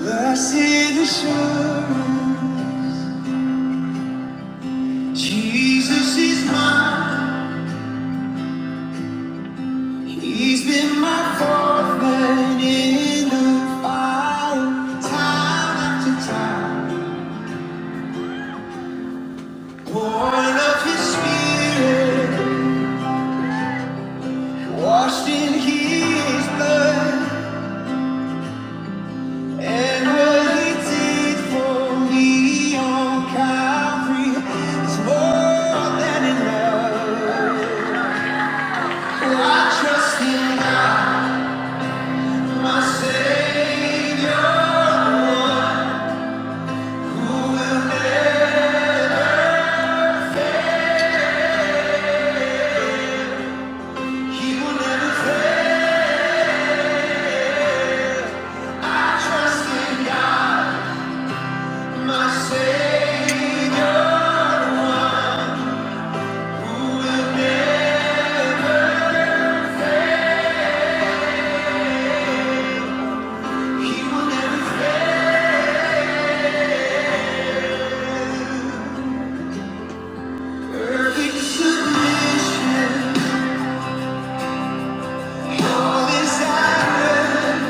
Blessed assurance, Jesus is mine. He's been my fourth man in the fire, time after time. Born of His Spirit, washed in His blood, and what He did for me on Calvary is more than enough. I trust in God. My Savior, He will never fail. I trust in God, my Savior, who will never, He will never fail. Perfect submission, all desire.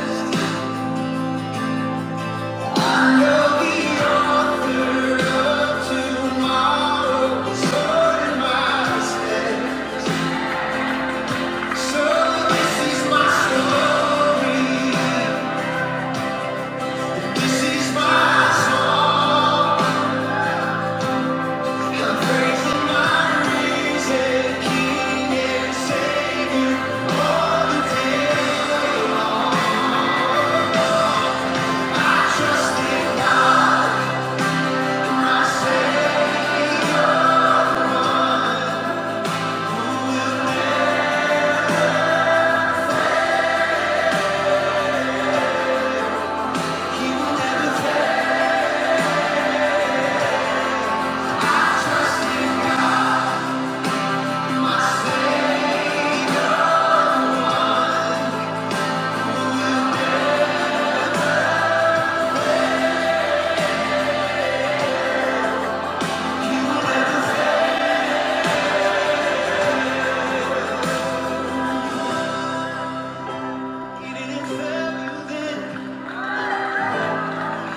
I know the owner of tomorrow is Lord in my So this is my story. This is my song. I'm praising my risen King and Savior all the day. I trust in God, my Savior. He will never fail. I He will never fail. He didn't fail you then.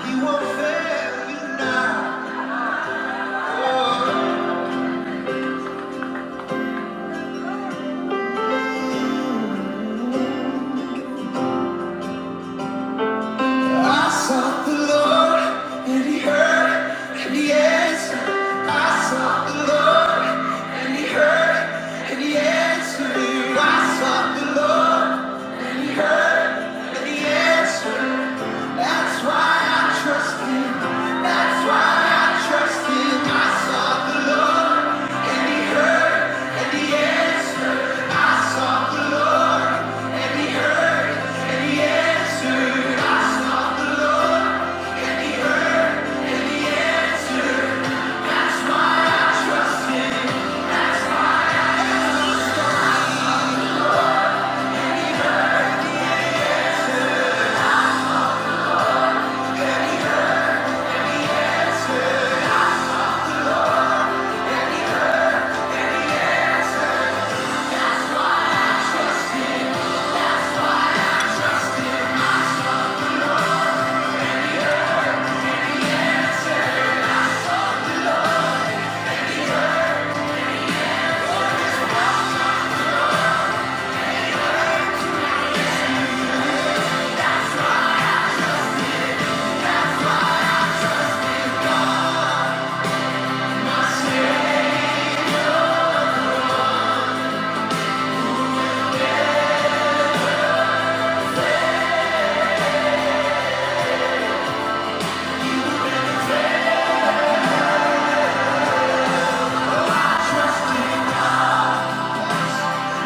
He won't fail you now. Oh. I sought the Lord, and He heard, and He answered. I sought the Lord, and He heard, and He answered. I sought the Lord, and He heard, and He answered. That's why I trust Him. That's why I trust Him. I sought the Lord, and He heard, and He answered. I sought the Lord, and He heard, and He answered.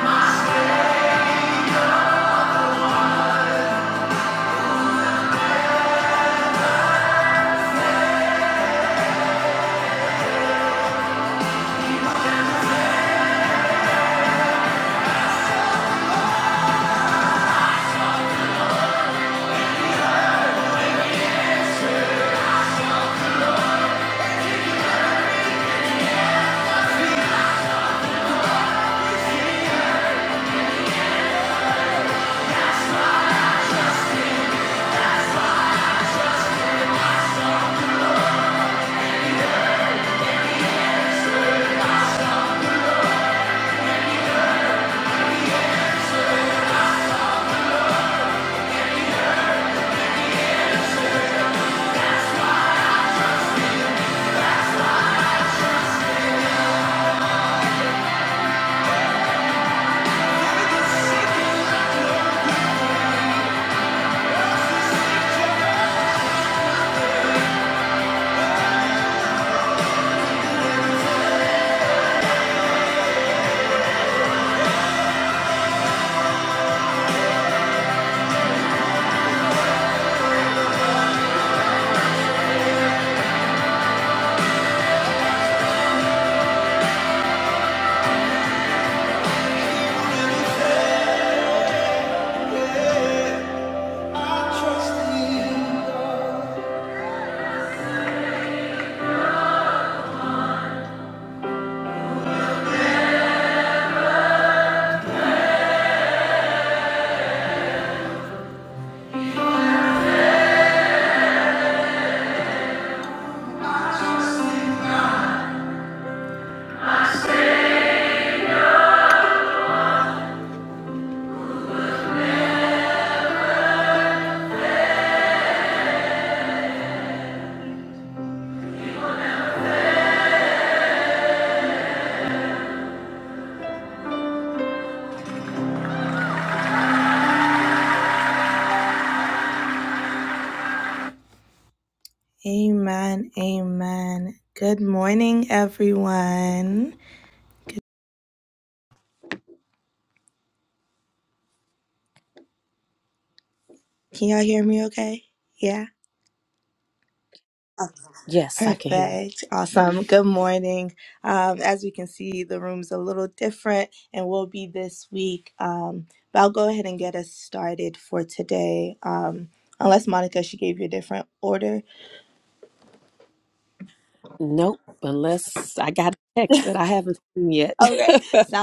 I sought I trust in you. I trust in God. Yes, I can hear you. Nope, unless I got a text that I haven't seen yet.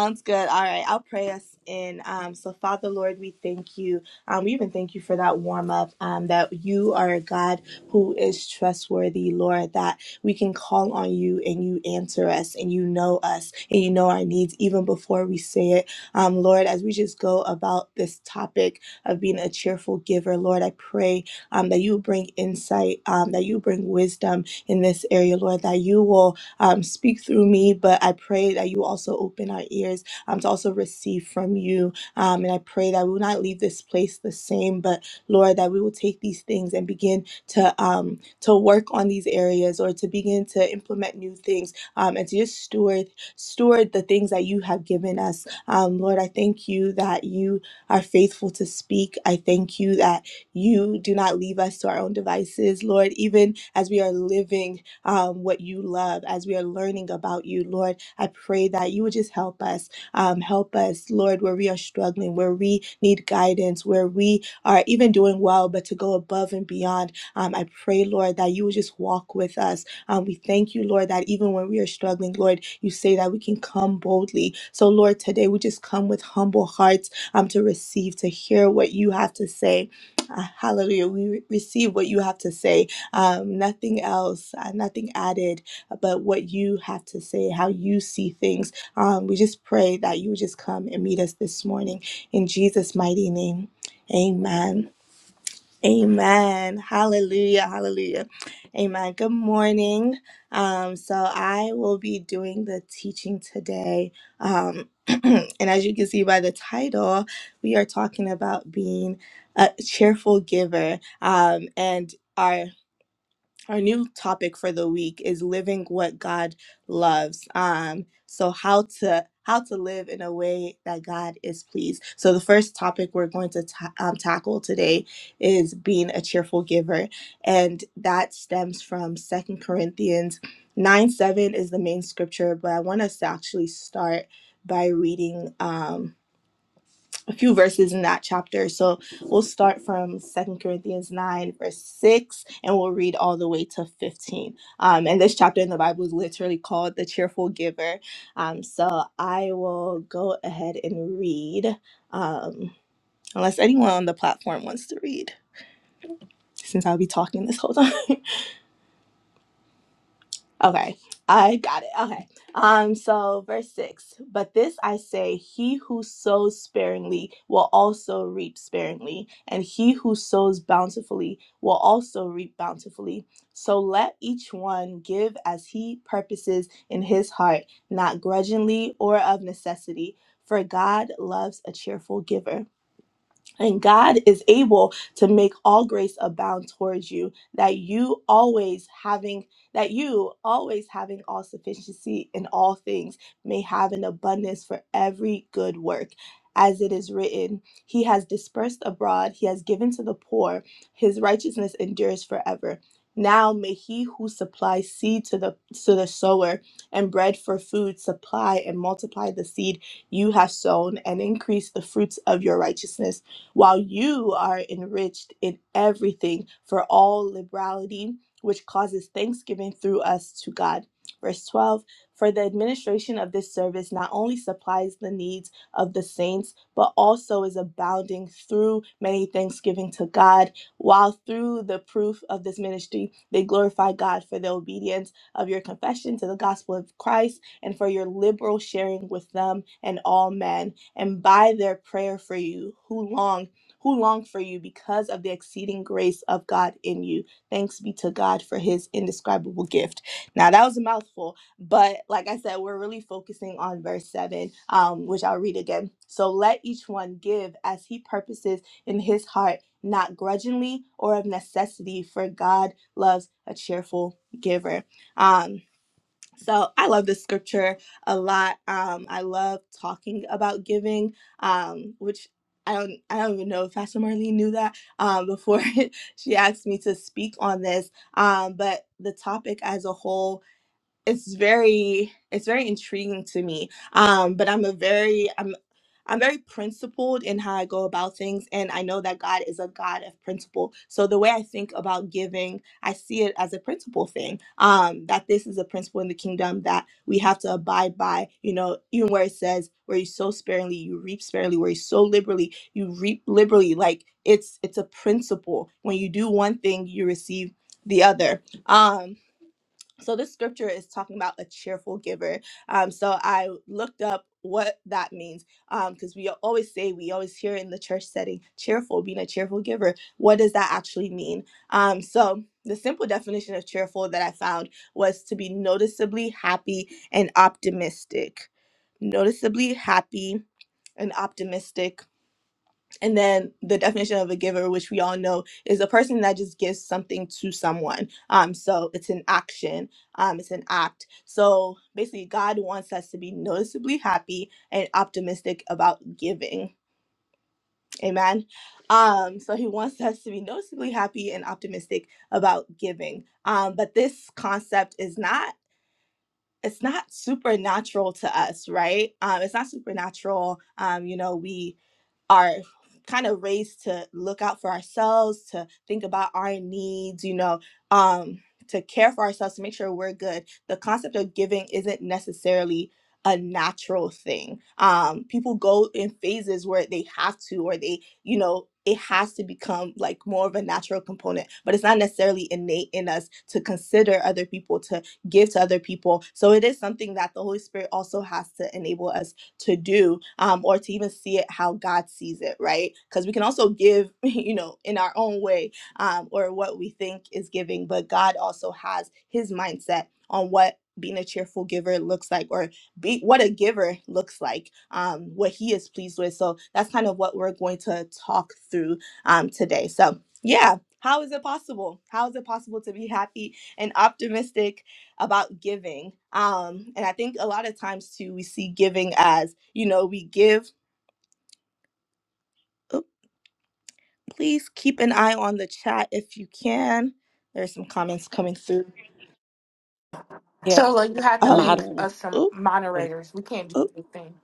yeah, Shola, you have to make modern. us some moderators. We can't do anything.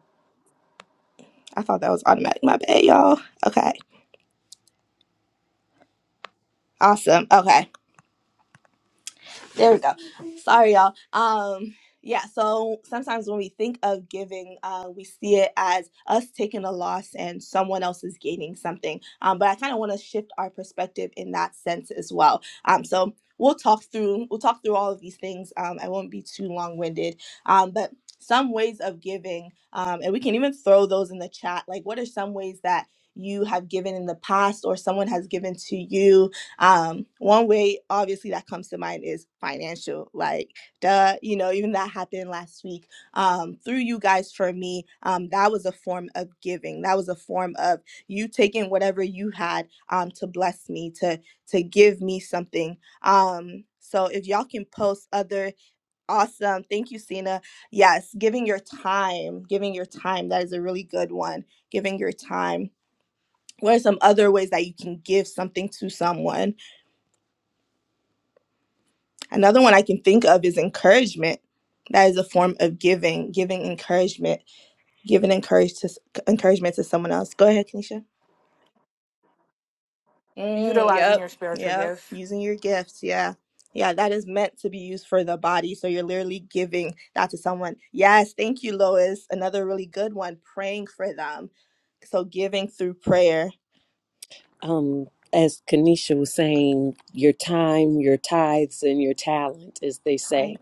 Utilizing your spiritual gifts. Um, as Kanisha was saying, your time, your tithes, and your talent, as they say.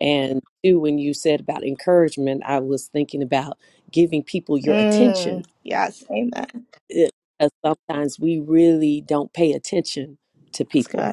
And too, when you said about encouragement, I was thinking about giving people your attention. It- uh, sometimes we really don't pay attention to people.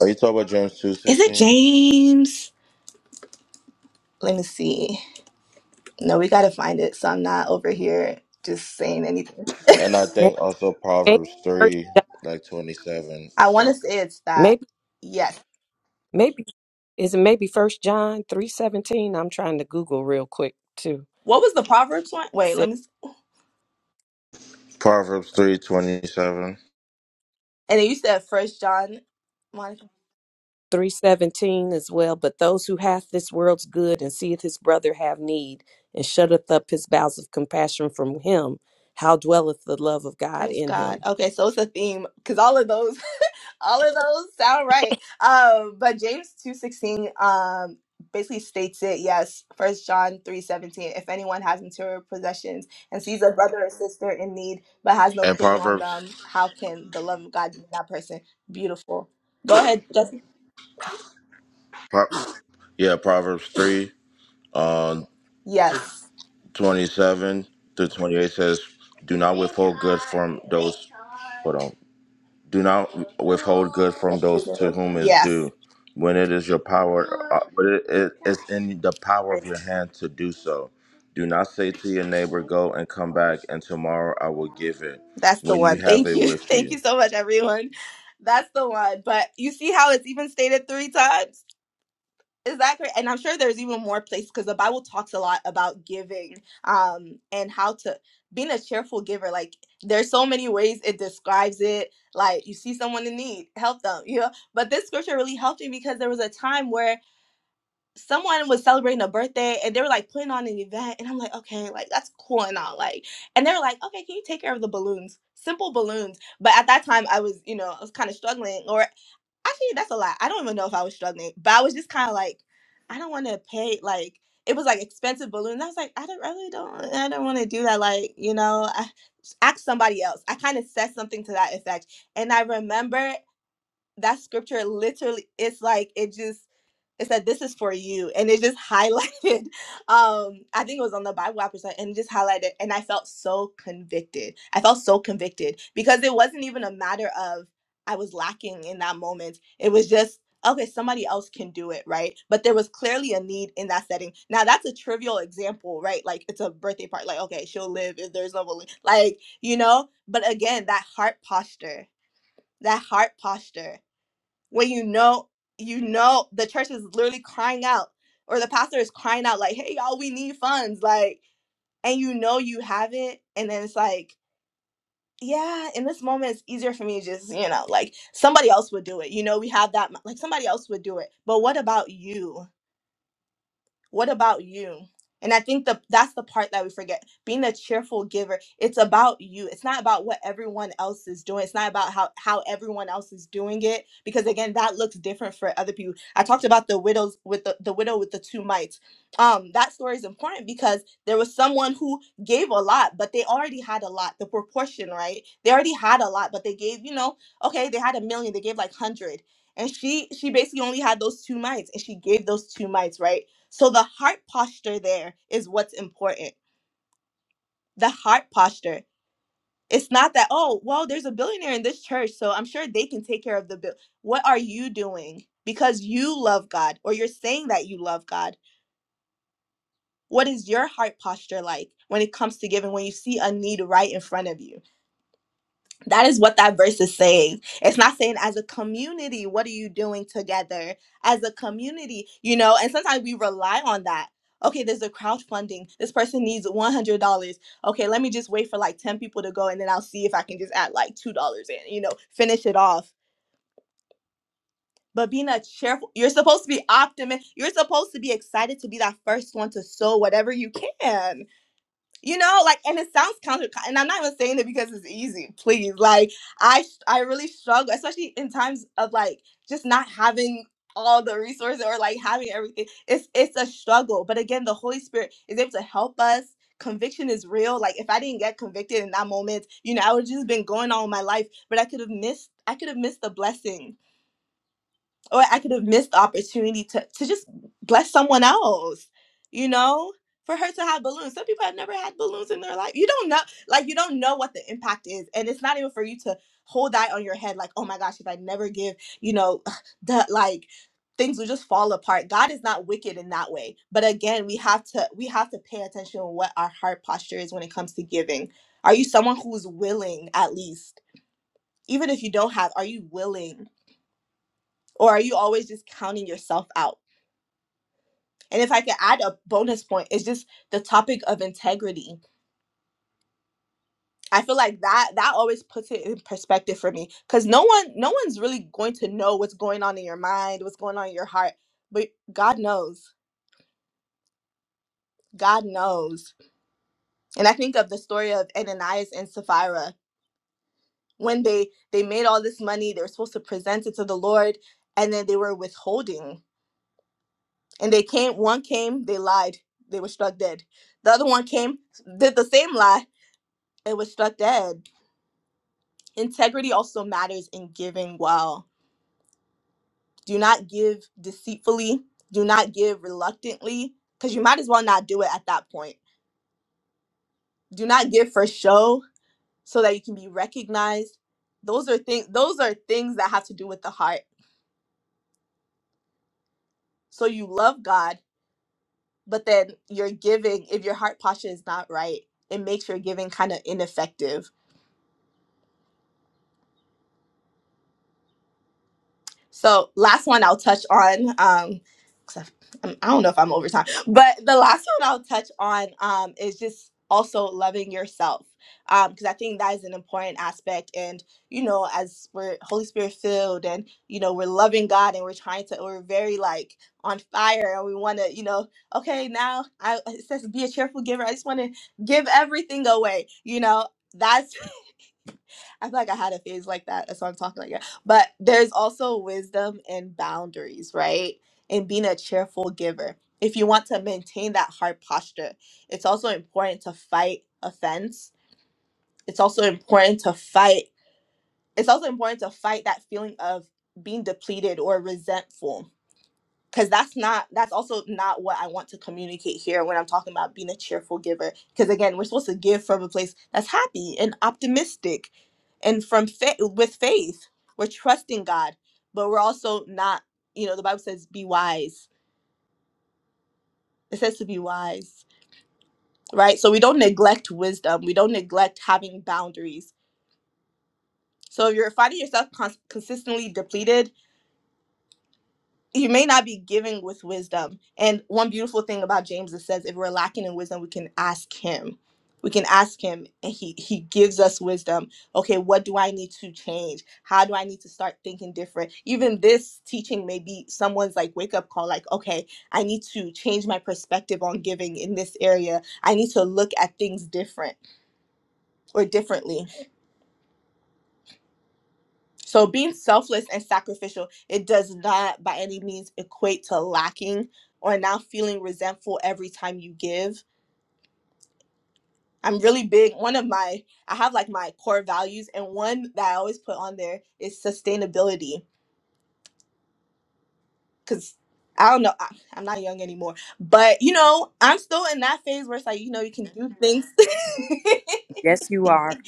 Are you talking about James two sixteen? And I think also Maybe, Proverbs three like twenty seven or so. maybe, maybe, Is it maybe First John three seventeen? I'm trying to Google real quick too. Said Proverbs three twenty seven three seventeen as well. But those who hath this world's good and seeth his brother have need and shutteth up his bowels of compassion from him, how dwelleth the love of God in him? and Proverbs, Pro- yeah, Proverbs three uh, twenty seven through twenty eight says, "Do not withhold good from those." Hold on. Do not withhold good from those to whom is due, when it is your power, uh, but it, it is in the power of your hand to do so. Do not say to your neighbor, "Go and come back, and tomorrow I will give it." When you have it with you. Yes, you are.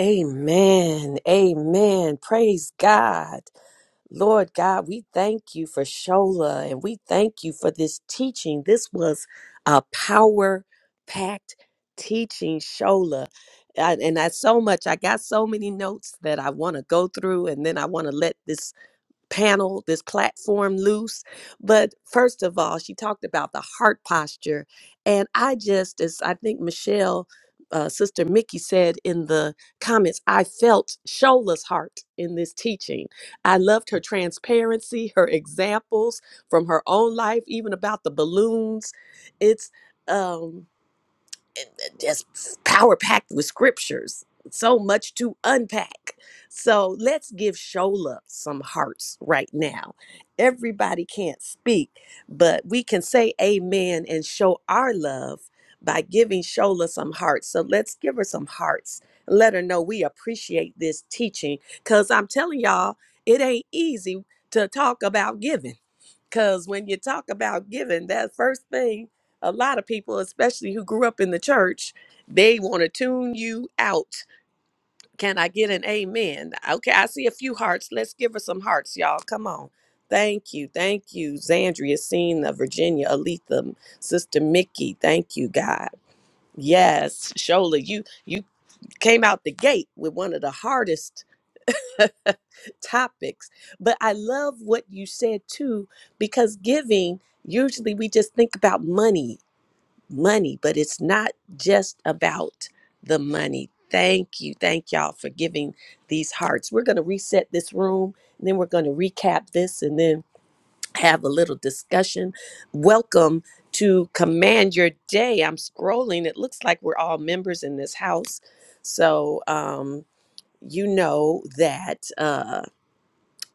Amen. Amen. Praise God. Lord God, we thank you for Shola and we thank you for this teaching. This was a power packed teaching, Shola. I- and I so much, I got so many notes that I want to go through, and then I want to let this panel, this platform loose. But first of all, she talked about the heart posture. And I just, as I think Michelle, uh, Sister Mickey said in the comments, I felt Shola's heart in this teaching. I loved her transparency, her examples from her own life, even about the balloons. It's, um just power packed with scriptures. So much to unpack. So let's give Shola some hearts right now. Everybody can't speak, but we can say amen and show our love by giving Shola some hearts. So let's give her some hearts. Let her know we appreciate this teaching because I'm telling y'all, it ain't easy to talk about giving because when you talk about giving, that first thing, a lot of people, especially who grew up in the church, they want to tune you out. Can I get an amen? Okay, I see a few hearts. Let's give her some hearts, y'all. Come on. Thank you. Thank you, Zandria, Cena, Virginia, Aletha, Sister Mickey. Thank you, God. Yes, Shola, you you came out the gate with one of the hardest topics. But I love what you said too, because giving, usually we just think about money, money, but it's not just about the money. Thank you. Thank y'all for giving these hearts. We're going to reset this room, and then we're going to recap this and then have a little discussion. Welcome to Command Your Day. I'm scrolling. It looks like we're all members in this house. So, um, you know that. Uh,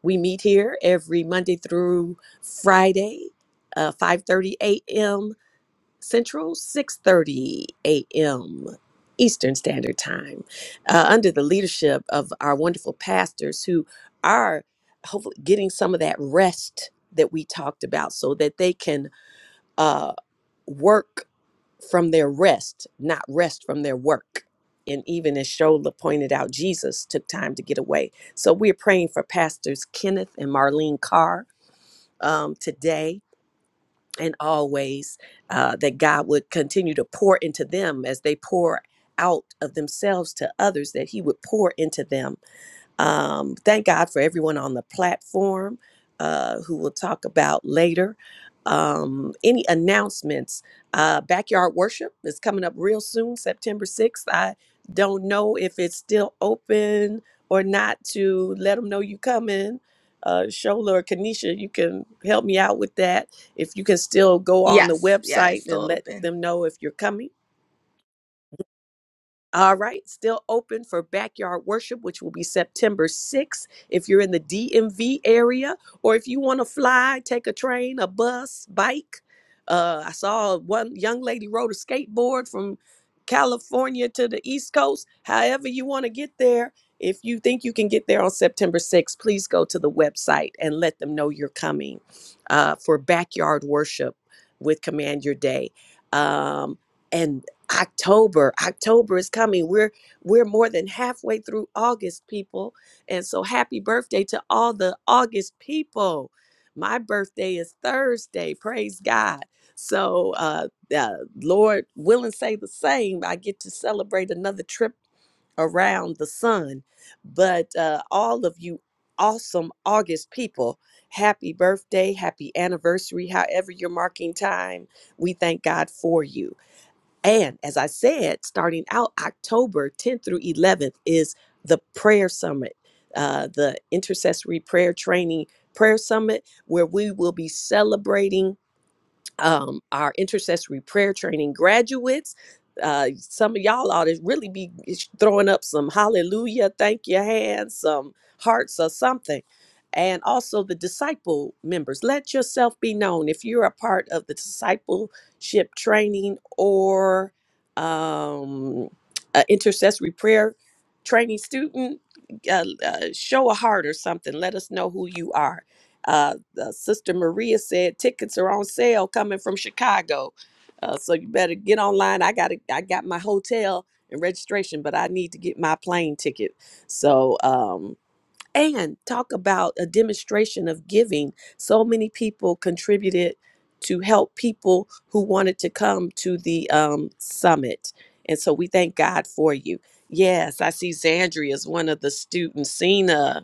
we meet here every Monday through Friday, uh, 5:30 a.m. Central, 6:30 a.m. Eastern Standard Time, uh, under the leadership of our wonderful pastors who are hopefully getting some of that rest that we talked about, so that they can uh, work from their rest, not rest from their work. And even as Shola pointed out, Jesus took time to get away. So we're praying for Pastors Kenneth and Marlene Carr um, today and always uh, that God would continue to pour into them as they pour out of themselves to others, that He would pour into them um, thank God for everyone on the platform uh, who we'll talk about later. Um, any announcements? Uh, Backyard Worship is coming up real soon, September 6th. I don't know if it's still open or not to let them know you coming. Uh, Shola or Kanisha, you can help me out with that. If you can still go on the website and let them know if you're coming all right, still open for backyard worship, which will be September 6th. If you're in the DMV area, or if you want to fly, take a train, a bus, bike. Uh, I saw one young lady rode a skateboard from California to the East Coast. However, you want to get there, if you think you can get there on September 6th, please go to the website and let them know you're coming uh, for backyard worship with Command Your Day. Um, October. October is coming. We're we're more than halfway through August, people. And so happy birthday to all the August people. My birthday is Thursday. Praise God. So uh, uh Lord willing say the same. I get to celebrate another trip around the sun. But uh all of you awesome August people, happy birthday, happy anniversary, however you're marking time. We thank God for you. And as I said, starting out October 10th through 11th is the prayer summit, uh, the intercessory prayer training prayer summit, where we will be celebrating um, our intercessory prayer training graduates. Uh, some of y'all ought to really be throwing up some hallelujah, thank you hands, some hearts or something. And also the disciple members, let yourself be known. If you're a part of the discipleship training or um, a intercessory prayer training student, uh, uh, show a heart or something. Let us know who you are uh, uh, Sister Maria said tickets are on sale coming from Chicago, uh, so you better get online. I got to I got my hotel and registration, but I need to get my plane ticket. So um, and talk about a demonstration of giving. So many people contributed to help people who wanted to come to the um, summit, and so we thank God for you. Yes, I see Zandria is one of the students. Cena.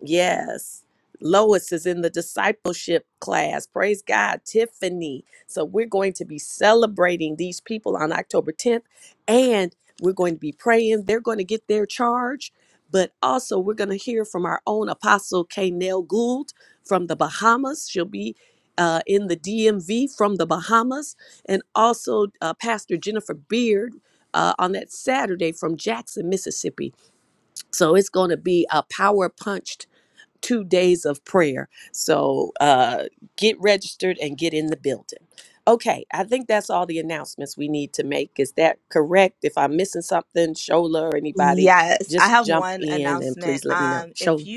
Yes. Lois is in the discipleship class. Praise God, Tiffany. So we're going to be celebrating these people on October 10th and we're going to be praying. They're going to get their charge, but also we're going to hear from our own apostle Kaynell Gould from the Bahamas. She'll be uh, in the DMV from the Bahamas, and also uh, Pastor Jennifer Beard uh, on that Saturday from Jackson, Mississippi. So it's going to be a power punched two days of prayer. So uh, get registered and get in the building. Okay, I think that's all the announcements we need to make. Is that correct? If I'm missing something, Shola or anybody, just jump in and please let me know. Shola.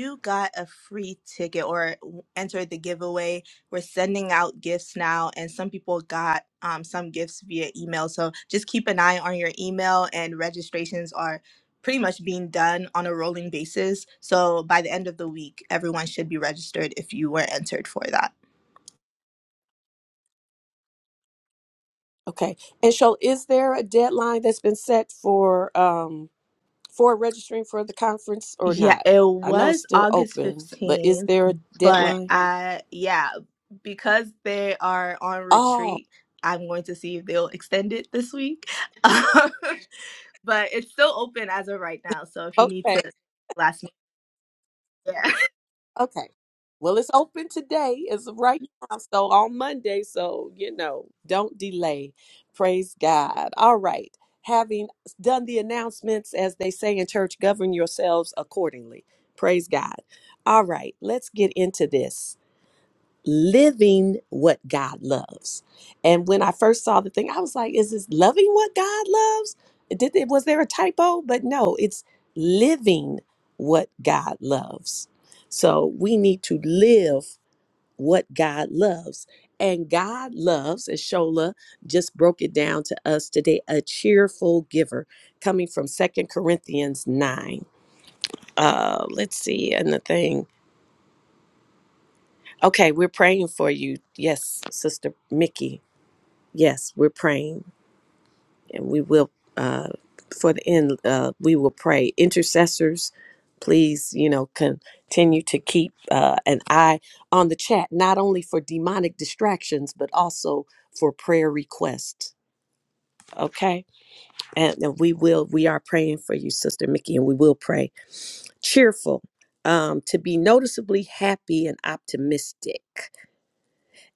Okay. And Shola, is there a deadline that's been set for um for registering for the conference or not? I know it's still open, but is there a deadline? Oh. Okay. Okay. Well, it's open today. It's right now. So on Monday. So, you know, don't delay. Praise God. All right. Having done the announcements, as they say in church, govern yourselves accordingly. Praise God. All right. Let's get into this. living what God loves. And when I first saw the thing, I was like, is this loving what God loves? Did it was there a typo? But no, it's living what God loves. So we need to live what God loves. And God loves, as Shola just broke it down to us today, a cheerful giver coming from Second Corinthians 9. Uh, let's see, and the thing. Okay, we're praying for you. Yes, Sister Mickey. Yes, we're praying and we will, uh, for the end, uh, we will pray. Intercessors, please, you know, continue to keep uh, an eye on the chat, not only for demonic distractions, but also for prayer requests. Okay. And, and we will, we are praying for you, Sister Mickey, and we will pray. Cheerful, um, to be noticeably happy and optimistic.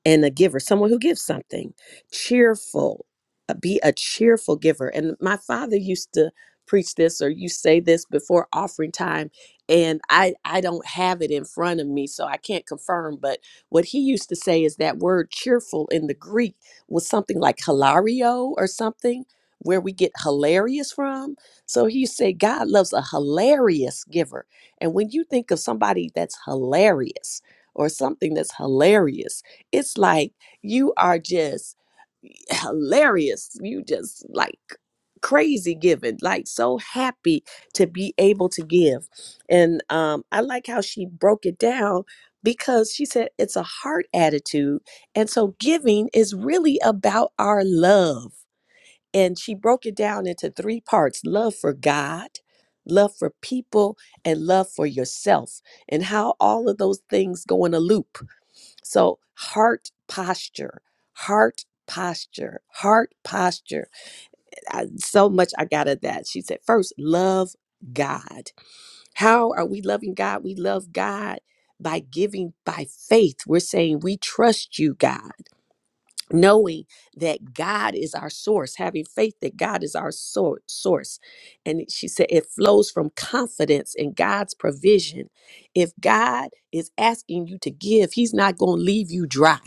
and a giver, someone who gives something, cheerful, uh, be a cheerful giver. And my father used to preach this or you say this before offering time and I I don't have it in front of me so I can't confirm but what he used to say is that word cheerful in the Greek was something like hilario or something where we get hilarious from so he used to say God loves a hilarious giver and when you think of somebody that's hilarious or something that's hilarious it's like you are just hilarious. You just like crazy giving, like so happy to be able to give. And um, I like how she broke it down because she said it's a heart attitude. And so giving is really about our love. And she broke it down into three parts love for God, love for people, and love for yourself, and how all of those things go in a loop so, heart posture, heart posture, heart posture. I, so much I got of that. She said, first, love God. How are we loving God? We love God by giving by faith. We're saying, we trust you, God knowing that God is our source, having faith that God is our sor- source. And she said it flows from confidence in God's provision. If God is asking you to give, He's not going to leave you dry.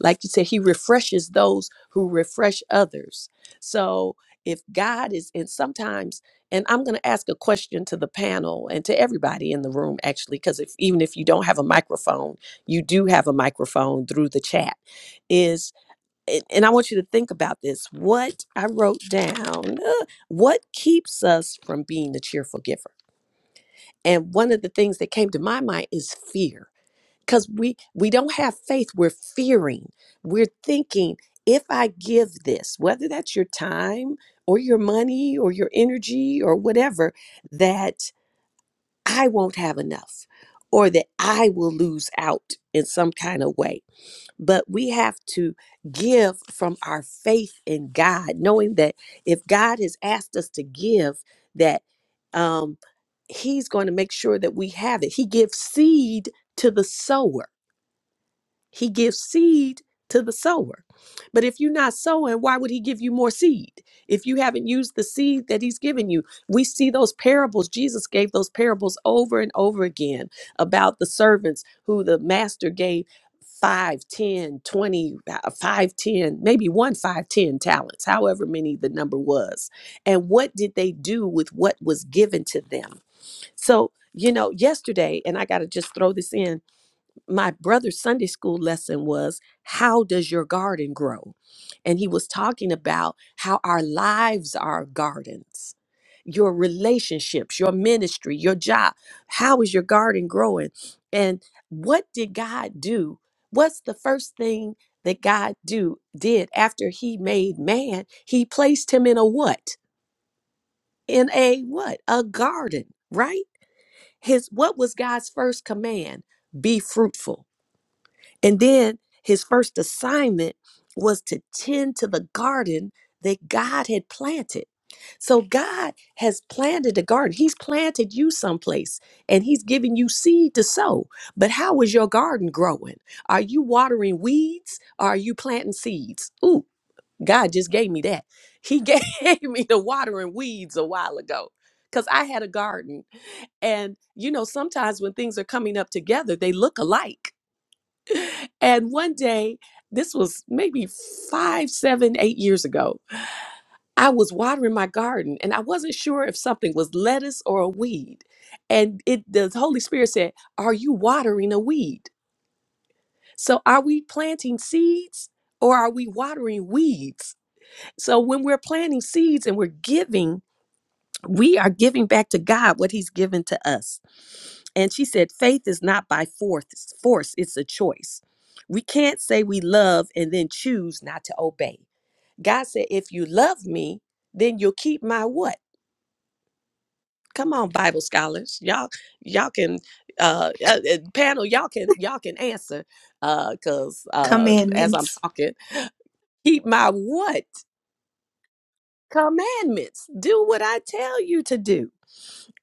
Like you said, He refreshes those who refresh others. So if God is, and sometimes, and I'm going to ask a question to the panel and to everybody in the room, actually, because if, even if you don't have a microphone, you do have a microphone through the chat. Is and and I want you to think about this. What I wrote down, uh, what keeps us from being the cheerful giver? And one of the things that came to my mind is fear. Because we we don't have faith, we're fearing. We're thinking, if I give this, whether that's your time or your money or your energy or whatever, that I won't have enough or that I will lose out in some kind of way but we have to give from our faith in God, knowing that if God has asked us to give, that um, He's going to make sure that we have it. He gives seed to the sower he gives seed to the sower. But if you're not sowing, why would he give you more seed? If you haven't used the seed that he's given you, we see those parables. Jesus gave those parables over and over again about the servants who the master gave 5, ten, twenty, uh, 5, ten, maybe one 5, 10 talents, however many the number was. And what did they do with what was given to them? So, you know, yesterday, and I got to just throw this in my brother's Sunday school lesson was how does your garden grow? And he was talking about how our lives are gardens. Your relationships, your ministry, your job. How is your garden growing? And what did God do? What's the first thing that God do did after he made man? He placed him in a what? In a what? A garden, right? His what was God's first command? Be fruitful and then his first assignment was to tend to the garden that God had planted. So God has planted a garden. He's planted you someplace and he's giving you seed to sow. But how is your garden growing? Are you watering weeds or are you planting seeds? Ooh, God just gave me that. He gave me the watering weeds a while ago because I had a garden. And, you know, sometimes when things are coming up together, they look alike and one day, this was maybe five, seven, eight years ago, I was watering my garden and I wasn't sure if something was lettuce or a weed. And it the Holy Spirit said, Are you watering a weed? So are we planting seeds or are we watering weeds? So when we're planting seeds and we're giving, we are giving back to God what He's given to us. And she said, faith is not by force, force, it's a choice. We can't say we love and then choose not to obey. God said, if you love me, then you'll keep my what? Come on, Bible scholars. Y'all, y'all can uh, uh uh, panel, y'all can y'all can answer uh because uh as I'm talking, keep my what commandments. Do what I tell you to do.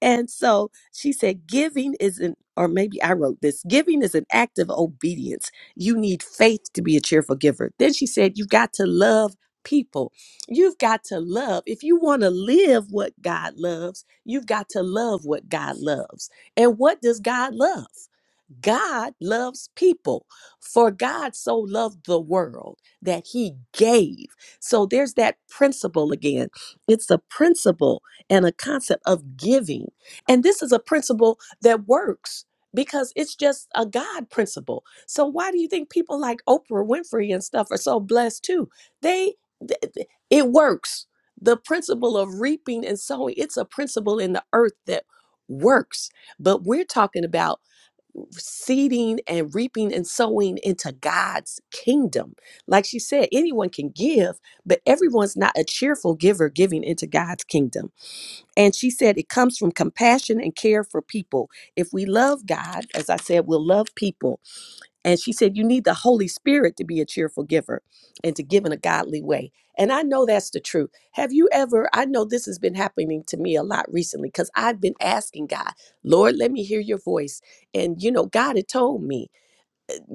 And so she said, giving is an, or maybe I wrote this, giving is an act of obedience. You need faith to be a cheerful giver. Then she said, you've got to love people. You've got to love. If you want to live what God loves, you've got to love what God loves. And what does God love? God loves people. For God so loved the world that he gave. So there's that principle again. It's a principle and a concept of giving. And this is a principle that works because it's just a God principle. So why do you think people like Oprah Winfrey and stuff are so blessed too? They th- th- it works. The principle of reaping and sowing, it's a principle in the earth that works. But we're talking about seeding and reaping and sowing into God's kingdom. Like she said, anyone can give, but everyone's not a cheerful giver giving into God's kingdom. And she said it comes from compassion and care for people. If we love God, as I said, we'll love people. And she said, You need the Holy Spirit to be a cheerful giver and to give in a godly way. And I know that's the truth. Have you ever, I know this has been happening to me a lot recently because I've been asking God, Lord, let me hear your voice. And, you know, God had told me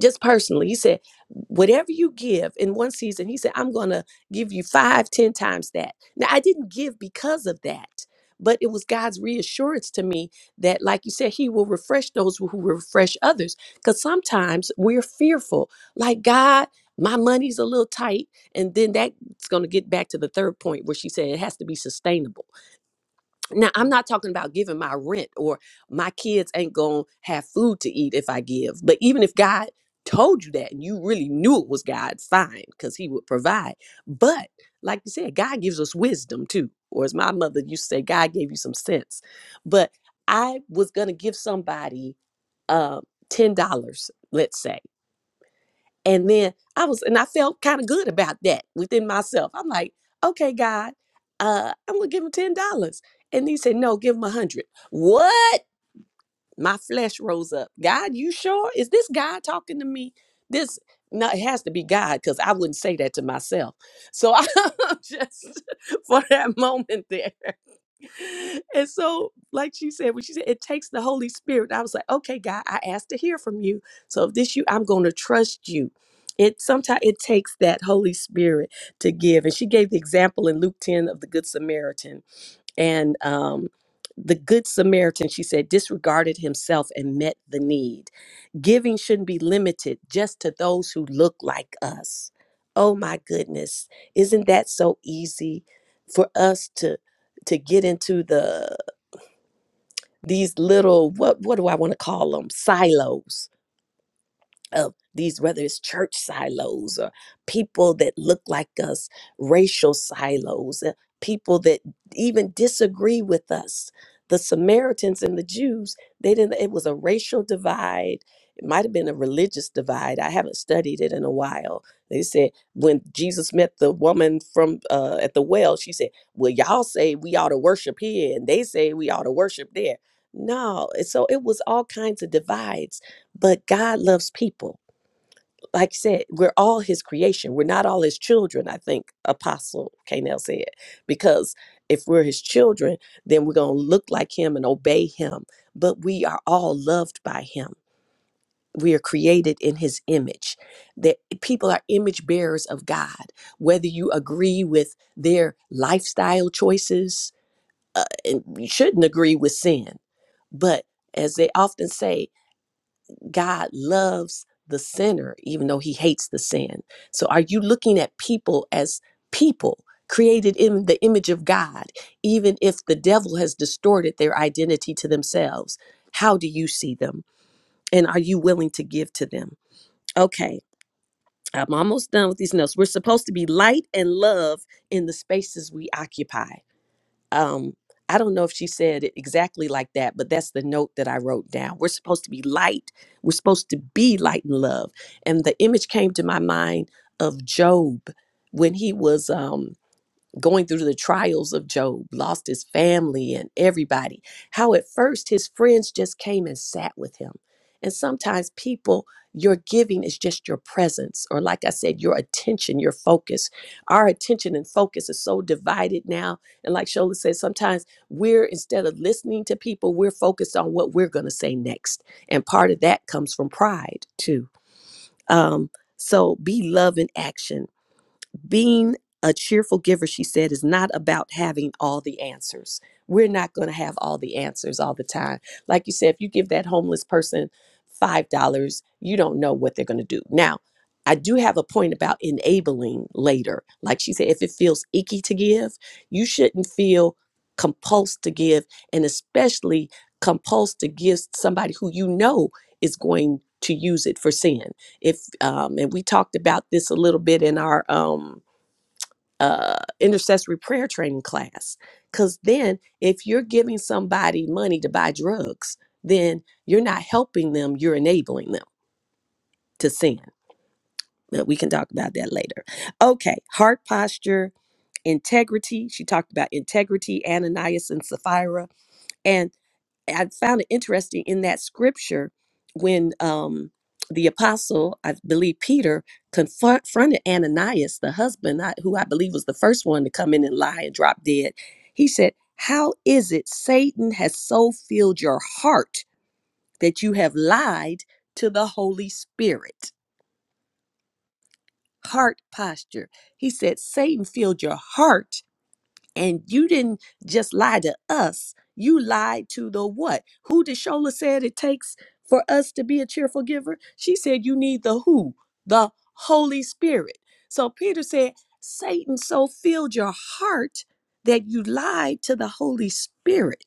just personally, he said, whatever you give in one season, he said, I'm going to give you five, ten times that. Now, I didn't give because of that, but it was God's reassurance to me that, like you said, he will refresh those who refresh others. Because sometimes we're fearful, like, God, my money's a little tight. And then that's going to get back to the third point where she said it has to be sustainable now, I'm not talking about giving my rent or my kids ain't going to have food to eat if I give. But even if God told you that and you really knew it was God, fine, because He would provide. But like you said, God gives us wisdom too. Or as my mother used to say, God gave you some sense. But I was going to give somebody uh, $10, let's say. And then I was, and I felt kind of good about that within myself. I'm like, okay, God, uh, I'm gonna give him ten dollars. And he said, no, give him a hundred. What? My flesh rose up. God, you sure? Is this God talking to me? This no, it has to be God because I wouldn't say that to myself. So I'm just for that moment there and so, like she said, when she said it takes the Holy Spirit, I was like, okay, God, I asked to hear from you. So if this you, I'm going to trust you. It sometimes it takes that Holy Spirit to give. And she gave the example in Luke 10 of the Good Samaritan and um, the good samaritan she said disregarded himself and met the need giving shouldn't be limited just to those who look like us oh my goodness isn't that so easy for us to to get into the these little what what do i want to call them silos of these, whether it's church silos or people that look like us, racial silos, uh, people that even disagree with us. The Samaritans and the Jews, they didn't, it was a racial divide. It might have been a religious divide. I haven't studied it in a while. They said when Jesus met the woman from uh, at the well, she said, "Well, y'all say we ought to worship here, and they say we ought to worship there." No, and so it was all kinds of divides but God loves people. Like I said, we're all his creation. We're not all his children, I think Apostle Canel said. Because if we're his children, then we're going to look like him and obey him. But we are all loved by him. We are created in his image. That people are image bearers of God. Whether you agree with their lifestyle choices, uh, and you shouldn't agree with sin. But as they often say, God loves the sinner, even though he hates the sin. So, are you looking at people as people created in the image of God, even if the devil has distorted their identity to themselves? How do you see them? And are you willing to give to them? Okay, I'm almost done with these notes. We're supposed to be light and love in the spaces we occupy um i don't know if she said it exactly like that but that's the note that i wrote down we're supposed to be light we're supposed to be light and love and the image came to my mind of job when he was um going through the trials of Job, lost his family and everybody. How at first his friends just came and sat with him. And sometimes people, your giving is just your presence, or like I said, your attention, your focus. Our attention and focus is so divided now. And like Shola said, sometimes we're, instead of listening to people, we're focused on what we're going to say next. And part of that comes from pride, too. Um, so be love in action being a cheerful giver, she said, is not about having all the answers. We're not going to have all the answers all the time. Like you said, if you give that homeless person $5, you don't know what they're going to do. Now, I do have a point about enabling later. Like she said, if it feels icky to give, you shouldn't feel compulsed to give, and especially compulsed to give somebody who you know is going to use it for sin. If um, and we talked about this a little bit in our um, uh, intercessory prayer training class, because then if you're giving somebody money to buy drugs, then you're not helping them; you're enabling them to sin. But we can talk about that later. Okay, heart posture, integrity. She talked about integrity, Ananias and Sapphira And I found it interesting in that scripture when um, the apostle, I believe Peter, confronted Ananias, the husband, I- who I believe was the first one to come in and lie and drop dead. He said, How is it Satan has so filled your heart that you have lied to the Holy Spirit? Heart posture. He said, Satan filled your heart and you didn't just lie to us, you lied to the what? Who did Shola said it takes for us to be a cheerful giver? She said, You need the who? The Holy Spirit. So Peter said, Satan so filled your heart that you lied to the Holy Spirit.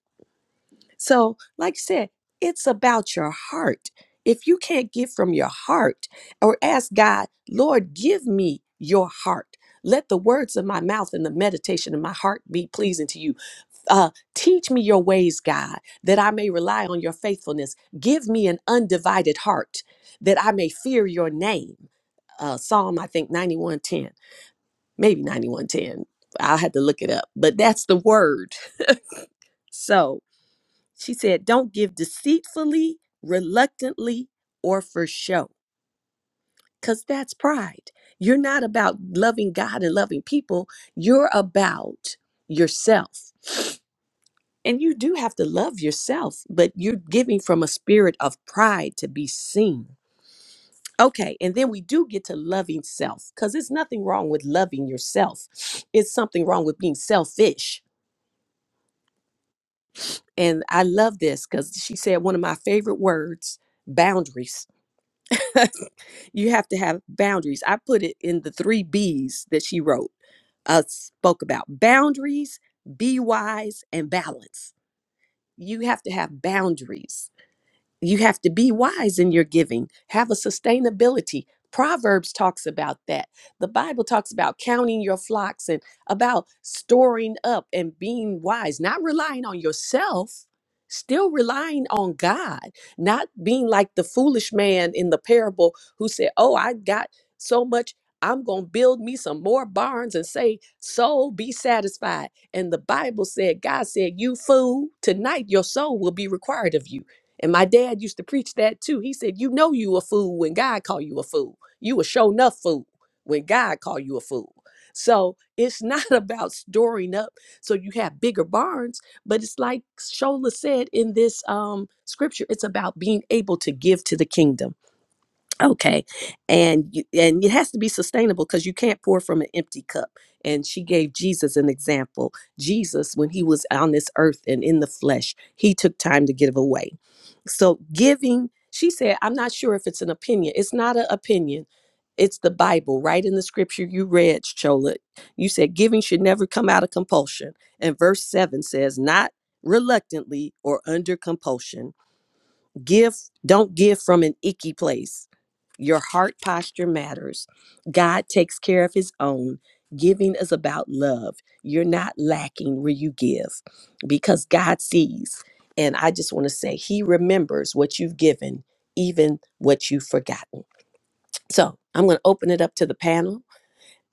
So, like I said, it's about your heart. If you can't give from your heart or ask God, Lord, give me your heart. Let the words of my mouth and the meditation of my heart be pleasing to you. Uh, teach me your ways, God, that I may rely on your faithfulness. Give me an undivided heart that I may fear your name uh, Psalm, I think 9110, maybe 9110. I'll have to look it up, but that's the word. So. She said, Don't give deceitfully, reluctantly, or for show, because that's pride. You're not about loving God and loving people, you're about yourself. And you do have to love yourself, but you're giving from a spirit of pride to be seen. Okay, and then we do get to loving self because there's nothing wrong with loving yourself. It's something wrong with being selfish. And I love this because she said one of my favorite words boundaries you have to have boundaries. I put it in the three B's that she wrote, uh, spoke about boundaries, be wise, and balance. You have to have boundaries you have to be wise in your giving have a sustainability proverbs talks about that the bible talks about counting your flocks and about storing up and being wise not relying on yourself still relying on god not being like the foolish man in the parable who said oh i got so much i'm going to build me some more barns and say soul be satisfied and the bible said god said you fool tonight your soul will be required of you and my dad used to preach that too. He said, "You know you a fool when God call you a fool. You a show enough fool when God call you a fool." So it's not about storing up so you have bigger barns, but it's like Shola said in this um, scripture, it's about being able to give to the kingdom okay and you, and it has to be sustainable because you can't pour from an empty cup and she gave jesus an example jesus when he was on this earth and in the flesh he took time to give away so giving she said i'm not sure if it's an opinion it's not an opinion it's the bible right in the scripture you read chola you said giving should never come out of compulsion and verse 7 says not reluctantly or under compulsion Give, don't give from an icky place. Your heart posture matters. God takes care of his own. Giving is about love. You're not lacking where you give because God sees. And I just want to say, he remembers what you've given, even what you've forgotten. So I'm going to open it up to the panel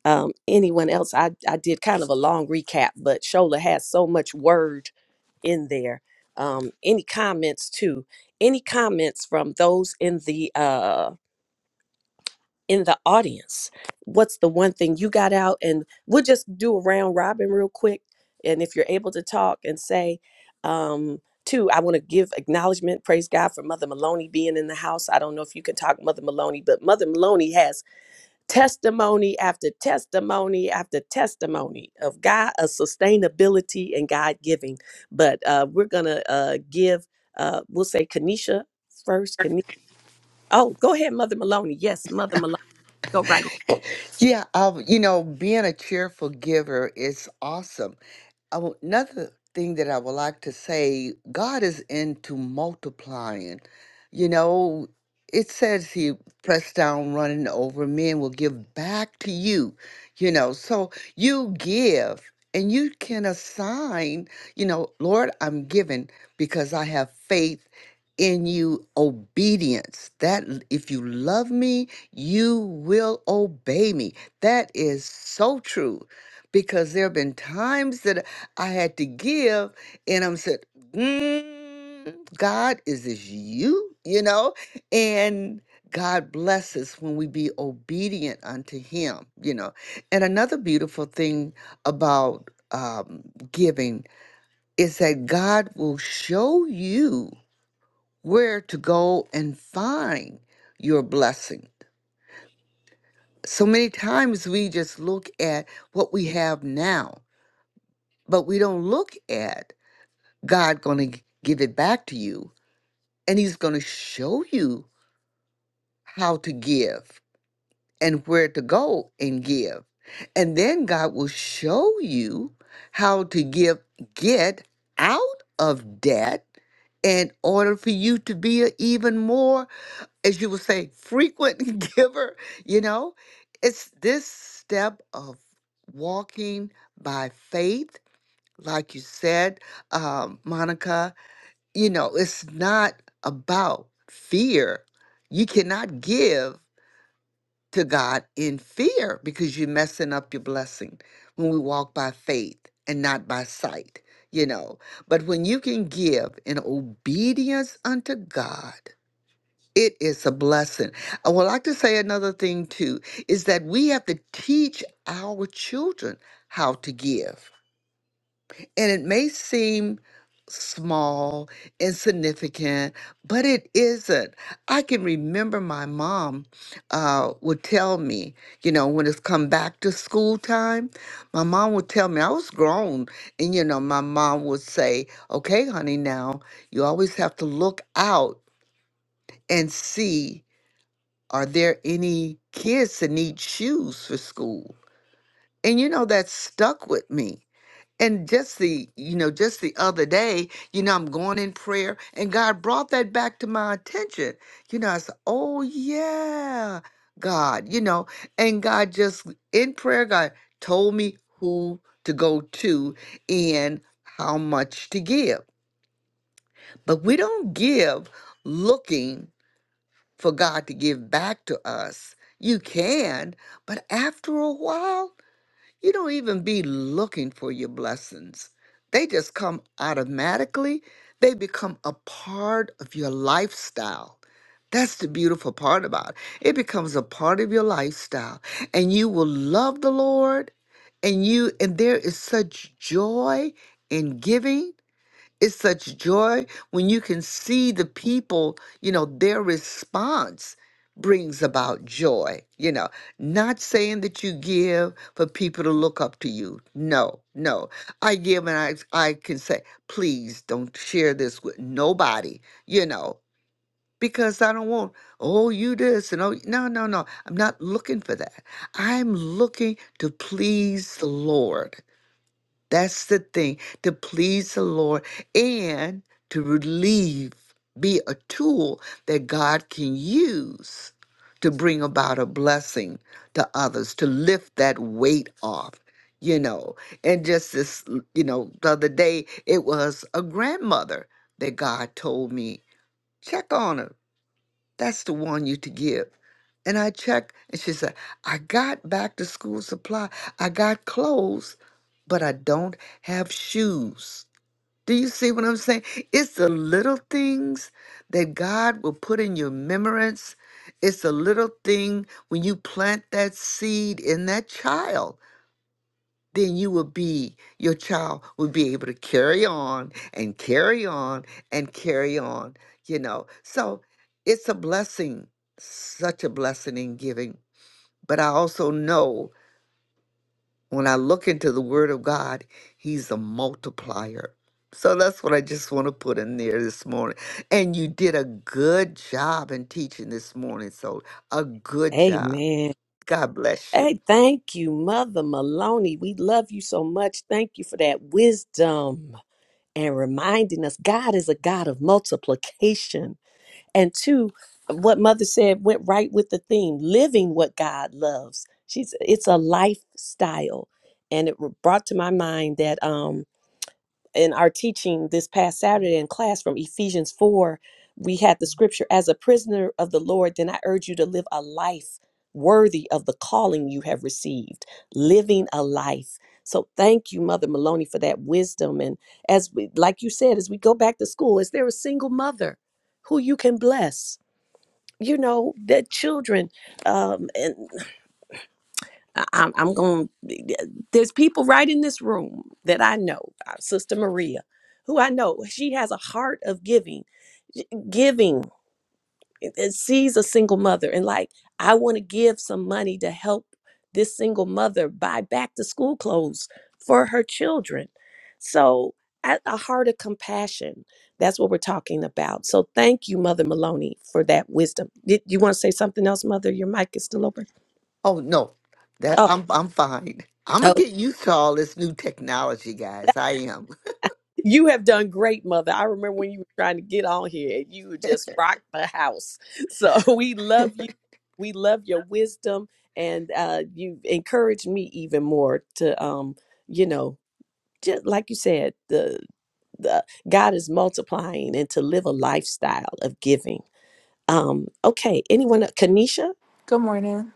um, anyone else. I, I did kind of a long recap, but Shola has so much word in there. Um, any comments too? Any comments from those in the uh, in the audience? What's the one thing you got out? And we'll just do a round robin real quick. And if you're able to talk and say, um, two, I want to give acknowledgement, praise God for Mother Maloney being in the house. I don't know if you can talk Mother Maloney, but Mother Maloney has testimony after testimony after testimony of God of sustainability and God giving. But uh, we're gonna uh, give. Uh, we'll say Kanisha first. Kanisha. Oh, go ahead, Mother Maloney. Yes, Mother Maloney. Go right Yeah, um, you know, being a cheerful giver is awesome. I would- another thing that I would like to say, God is into multiplying. You know, it says He pressed down, running over, men will give back to you. You know, so you give and you can assign, you know, Lord, I'm giving because I have faith in you obedience that l- if you love me you will obey me that is so true because there have been times that I had to give, and I'm said, mm, God, is this you? You know, and God bless us when we be obedient unto Him. You know, and another beautiful thing about um, giving is that God will show you where to go and find your blessing. So many times we just look at what we have now, but we don't look at God going to give it back to you and he's going to show you how to give and where to go and give. And then God will show you how to give get out of debt in order for you to be an even more as you would say frequent giver, you know? It's this step of walking by faith like you said, um, Monica, you know, it's not about fear. You cannot give to God in fear because you're messing up your blessing when we walk by faith and not by sight, you know. But when you can give in obedience unto God, it is a blessing. I would like to say another thing too is that we have to teach our children how to give and it may seem small, insignificant, but it isn't. I can remember my mom uh, would tell me, you know, when it's come back to school time, my mom would tell me, I was grown. And, you know, my mom would say, okay, honey, now you always have to look out and see are there any kids that need shoes for school? And, you know, that stuck with me and just the, you know, just the other day, you know, I'm going in prayer and God brought that back to my attention. You know, I said, oh, yeah, God, you know, and God just in prayer, God told me who to go to and how much to give. But we don't give looking for God to give back to us. You can, but after a while, you don't even be looking for your blessings. They just come automatically. They become a part of your lifestyle. That's the beautiful part about it. It becomes a part of your lifestyle and you will love the Lord and you and there is such joy in giving it's such joy when you can see the people, you know, their response brings about joy. You know, not saying that you give for people to look up to you. No, no. I give and I I can say, please don't share this with nobody, you know, because I don't want, oh, you this and oh no, no, no. I'm not looking for that. I'm looking to please the Lord. That's the thing to please the Lord and to relieve, be a tool that God can use to bring about a blessing to others, to lift that weight off, you know. And just this, you know, the other day, it was a grandmother that God told me, check on her that's the one you to give. And I checked, and she said, I got back to school supply. I got clothes, but I don't have shoes. Do you see what I'm saying? It's the little things that God will put in your remembrance. It's the little thing when you plant that seed in that child then you will be, your child will be able to carry on and carry on and carry on, you know. So it's a blessing, such a blessing in giving. But I also know when I look into the Word of God, He's a multiplier. So that's what I just want to put in there this morning. And you did a good job in teaching this morning. So, a good ahead. job. Amen. God bless you. Hey, thank you, Mother Maloney. We love you so much. Thank you for that wisdom and reminding us God is a God of multiplication And two, what mother said went right with the theme living what God loves. She's it's a lifestyle. And it brought to my mind that um in our teaching this past Saturday in class from Ephesians 4, we had the scripture as a prisoner of the Lord, then I urge you to live a life worthy of the calling you have received, living a life. So thank you, Mother Maloney, for that wisdom. And as we like you said, as we go back to school, is there a single mother who you can bless? you know the children um and I- i'm, I'm going there's people right in this room that i know uh, sister maria who i know she has a heart of giving giving and and sees a single mother and like i want to give some money to help this single mother buy back to school clothes for her children so a a heart of compassion that's what we're talking about so thank you mother maloney for that wisdom did you want to say something else mother your mic is still open Oh no, that oh I'm I'm fine. I'm gonna Oh. get used to all this new technology, guys. I am. You have done great, mother. I remember when you were trying to get on here and you just rocked the house. So we love you. We love your wisdom and uh you've encouraged me even more to um, you know, just like you said, the the God is multiplying and to live a lifestyle of giving. Um, okay, anyone Kanisha? Good morning.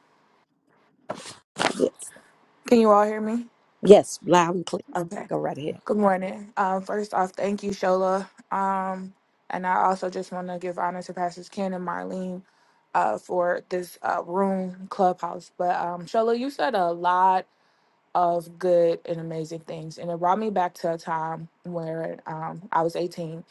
Can you all hear me? Yes, loud and clear. Okay. Go right ahead. Good morning. Um, first off, thank you, Shola. Um, and I also just want to give honor to Pastors Ken and Marlene uh, for this uh, room clubhouse. But um, Shola, you said a lot of good and amazing things. And it brought me back to a time where um, I was 18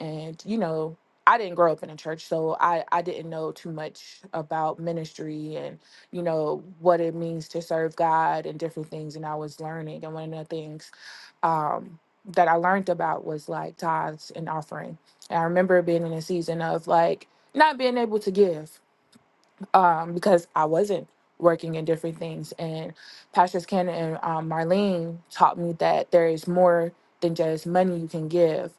and, you know, I didn't grow up in a church, so I, I didn't know too much about ministry and, you know, what it means to serve God and different things. And I was learning. And one of the things um, that I learned about was like tithes and offering. And I remember being in a season of like not being able to give um, because I wasn't working in different things. And Pastors Ken and um, Marlene taught me that there is more than just money you can give.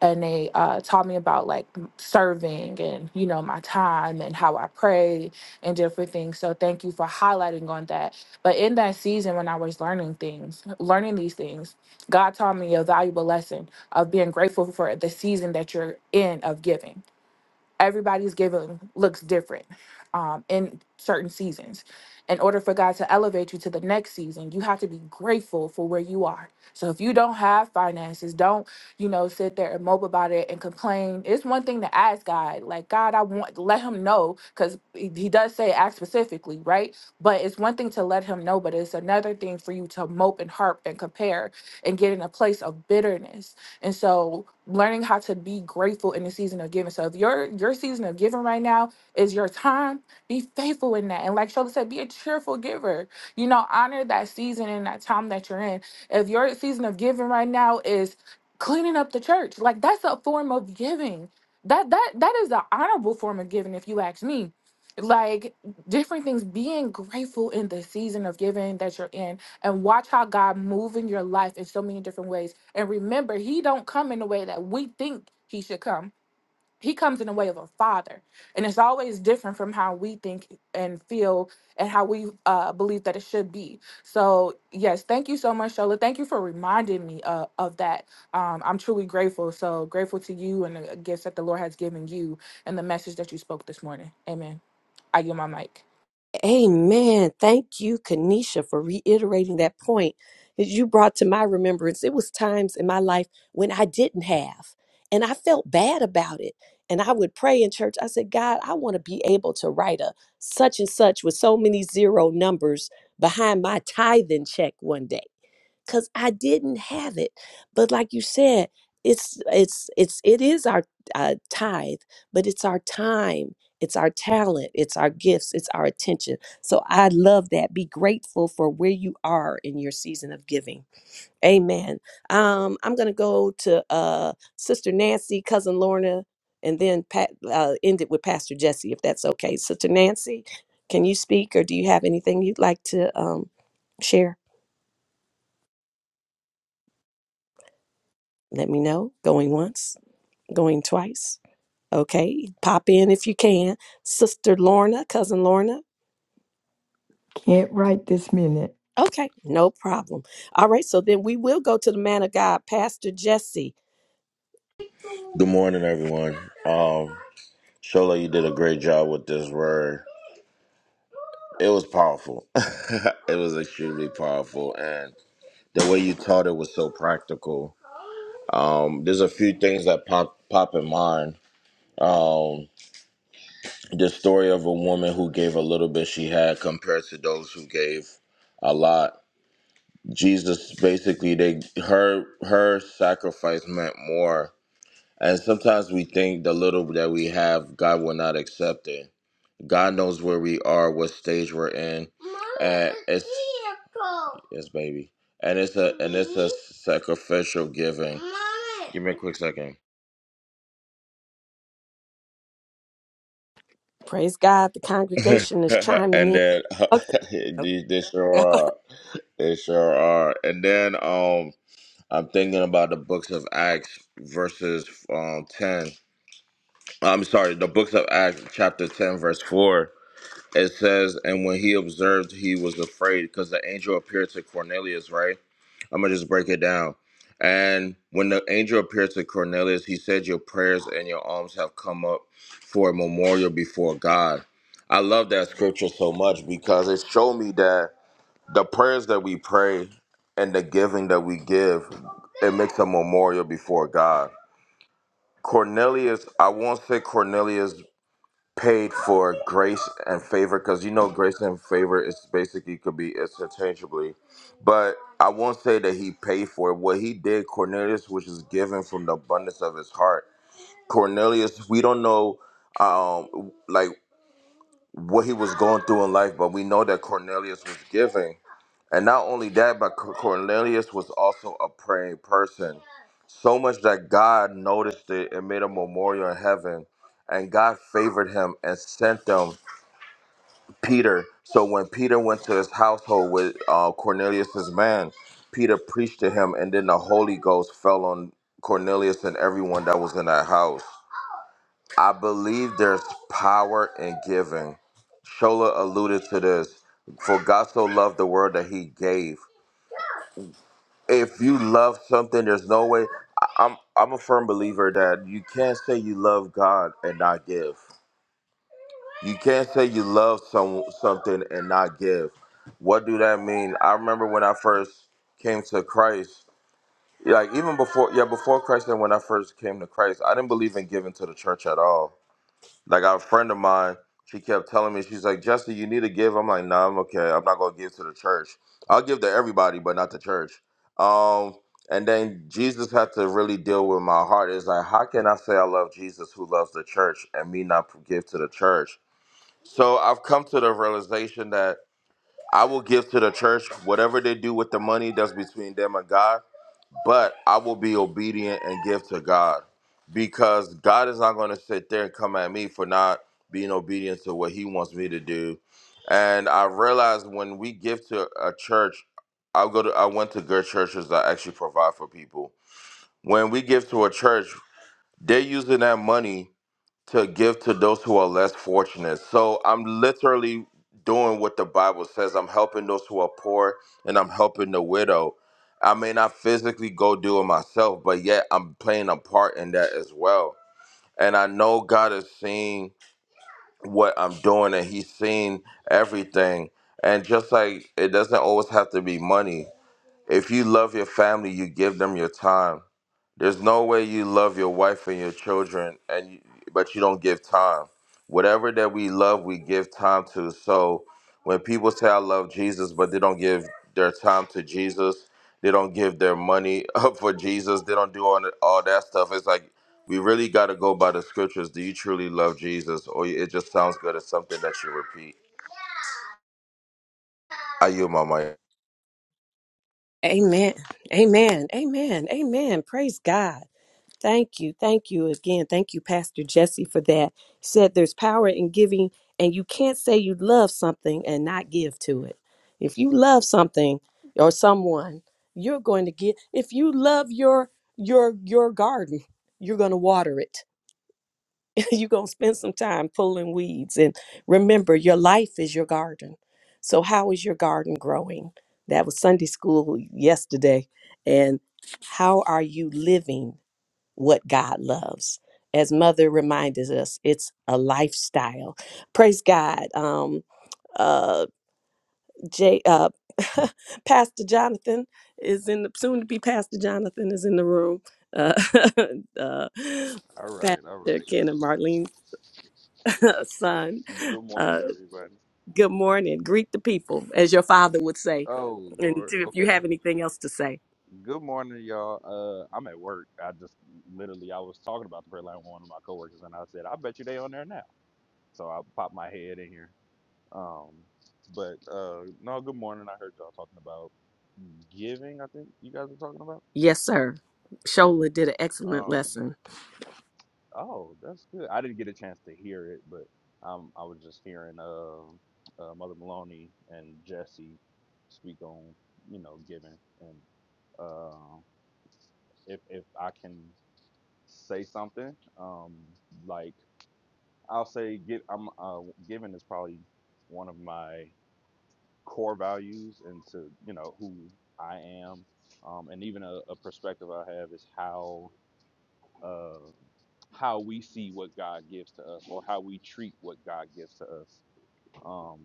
And they uh, taught me about like m- serving and, you know, my time and how I pray and different things. So thank you for highlighting on that. But in that season, when I was learning things, learning these things, God taught me a valuable lesson of being grateful for the season that you're in of giving everybody's giving looks different um, in certain seasons. In order for God to elevate you to the next season, you have to be grateful for where you are. So if you don't have finances, don't, you know, sit there and mope about it and complain. It's one thing to ask God, like, God, I want, let him know, because he he does say ask specifically, right? But it's one thing to let him know, but it's another thing for you to mope and harp and compare and get in a place of bitterness and so learning how to be grateful in the season of giving. So if your your season of giving right now is your time, be faithful in that. And like Shola said, be a cheerful giver. You know, honor that season and that time that you're in. If your season of giving right now is cleaning up the church, like that's a form of giving. That that that is an honorable form of giving, if you ask me. Like different things, being grateful in the season of giving that you're in and watch how God move in your life in so many different ways. And remember, he don't come in the way that we think he should come. He comes in the way of a father. And it's always different from how we think and feel and how we uh, believe that it should be. So, yes, thank you so much, Shola. Thank you for reminding me uh, of that. Um, I'm truly grateful. So grateful to you and the gifts that the Lord has given you and the message that you spoke this morning. Amen. I yield my mic. Amen. Thank you, Kanisha, for reiterating that point that you brought to my remembrance. It was times in my life when I didn't have, and I felt bad about it. And I would pray in church. I said, God, I want to be able to write a such and such with so many zero numbers behind my tithing check one day because I didn't have it. But like you said, it's it's it's it is our uh, tithe, but it's our time, it's our talent, it's our gifts, it's our attention. So I love that. Be grateful for where you are in your season of giving. Amen. Um, I'm gonna go to uh, Sister Nancy, cousin Lorna, and then Pat, uh, end it with Pastor Jesse, if that's okay. Sister Nancy, can you speak, or do you have anything you'd like to um, share? Let me know. Going once, going twice. Okay, pop in if you can. Sister Lorna, cousin Lorna. Can't write this minute. Okay, no problem. All right, so then we will go to the man of God, Pastor Jesse. Good morning, everyone. Um, Shola, you did a great job with this word. It was powerful. it was extremely powerful, and the way you taught it was so practical. Um, there's a few things that pop pop in mind. Um, the story of a woman who gave a little bit she had compared to those who gave a lot. Jesus basically they her her sacrifice meant more. And sometimes we think the little that we have, God will not accept it. God knows where we are, what stage we're in. Mom, and it's vehicle. yes, baby. And it's a and it's a sacrificial giving. Mom. Give me a quick second. Praise God, the congregation is chiming and in. then Okay. this sure are. They sure are. And then um I'm thinking about the books of Acts verses um ten. I'm sorry, the books of Acts chapter ten verse four. It says, and when he observed, he was afraid because the angel appeared to Cornelius, right? I'm gonna just break it down. And when the angel appeared to Cornelius, he said, Your prayers and your alms have come up for a memorial before God. I love that scripture so much because it showed me that the prayers that we pray and the giving that we give, it makes a memorial before God. Cornelius, I won't say Cornelius paid for grace and favor because you know grace and favor is basically could be interchangeably, but I won't say that he paid for it. What he did, Cornelius, which is given from the abundance of his heart. Cornelius, we don't know, um, like what he was going through in life, but we know that Cornelius was giving. And not only that, but Cor- Cornelius was also a praying person. So much that God noticed it and made a memorial in heaven. And God favored him and sent them Peter. So when Peter went to his household with uh, Cornelius's man, Peter preached to him, and then the Holy Ghost fell on Cornelius and everyone that was in that house. I believe there's power in giving. Shola alluded to this. For God so loved the world that He gave. If you love something, there's no way. I- I'm I'm a firm believer that you can't say you love God and not give. You can't say you love some something and not give. What do that mean? I remember when I first came to Christ. Like even before, yeah, before Christ and when I first came to Christ, I didn't believe in giving to the church at all Like our friend of mine, she kept telling me, she's like, Jesse, you need to give. I'm like, nah, I'm okay. I'm not gonna give to the church. I'll give to everybody, but not the church. Um, and then Jesus had to really deal with my heart. It's like, how can I say I love Jesus who loves the church and me not give to the church? So I've come to the realization that I will give to the church whatever they do with the money that's between them and God but I will be obedient and give to God because God is not going to sit there and come at me for not being obedient to what He wants me to do. And I realized when we give to a church, I go to I went to good churches that actually provide for people. When we give to a church, they're using that money to give to those who are less fortunate. So I'm literally doing what the Bible says. I'm helping those who are poor and I'm helping the widow. I may not physically go do it myself, but yet I'm playing a part in that as well. And I know God is seeing what I'm doing and He's seeing everything. And just like it doesn't always have to be money. If you love your family, you give them your time there's no way you love your wife and your children, and you, but you don't give time. Whatever that we love, we give time to. So when people say I love Jesus, but they don't give their time to Jesus, they don't give their money up for Jesus, they don't do all that, all that stuff. It's like we really got to go by the scriptures. Do you truly love Jesus, or it just sounds good as something that you repeat? I yield my mic. Amen. Amen. Amen. Amen. Praise God. Thank you. Thank you again. Thank you, Pastor Jesse, for that. He said there's power in giving, and you can't say you love something and not give to it. If you love something or someone, you're going to give. If you love your your your garden, you're going to water it. you're going to spend some time pulling weeds and remember your life is your garden. So how is your garden growing? That was Sunday school yesterday. And how are you living what God loves. As Mother reminded us, it's a lifestyle. Praise God. Um, uh, J, uh, Pastor Jonathan is in the soon to be Pastor Jonathan is in the room. Uh, uh, All right, all Pastor right. Ken and Marlene's son. Good morning, Uh, everybody. good morning. Greet the people, as your father would say. Oh And Lord, too, if you okay. have anything else to say, Good morning, y'all. Uh, I'm at work. I just literally I was talking about the prayer line with one of my coworkers, and I said, "I bet you they on there now." So I popped my head in here. Um, but uh, no, good morning. I heard y'all talking about giving. I think you guys were talking about. yes, sir. Shola did an excellent Um, lesson. oh, that's good. I didn't get a chance to hear it, but um, I was just hearing uh, uh, Mother Maloney and Jesse speak on you know giving and Um, if if I can say something, um, like I'll say, get I'm uh, giving is probably one of my core values into you know who I am, um, and even a, a perspective I have is how uh, how we see what God gives to us or how we treat what God gives to us. Um,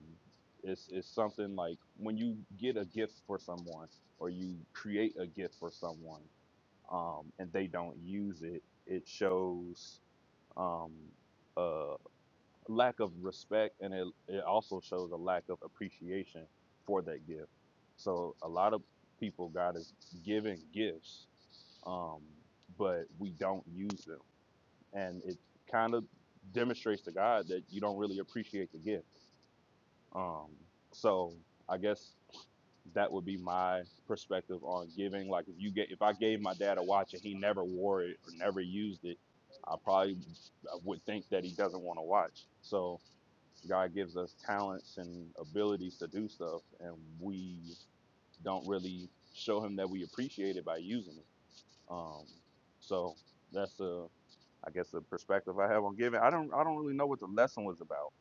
it's, it's something like when you get a gift for someone or you create a gift for someone um, and they don't use it, it shows um, a lack of respect and it, it also shows a lack of appreciation for that gift. So a lot of people, God is giving gifts, um, but we don't use them. And it kind of demonstrates to God that you don't really appreciate the gift. Um, so I guess that would be my perspective on giving. Like if you get if I gave my dad a watch and he never wore it or never used it, I probably I would think that he doesn't want to watch. So God gives us talents and abilities to do stuff, and we don't really show him that we appreciate it by using it. Um, so that's a I guess the perspective I have on giving. I don't I don't really know what the lesson was about,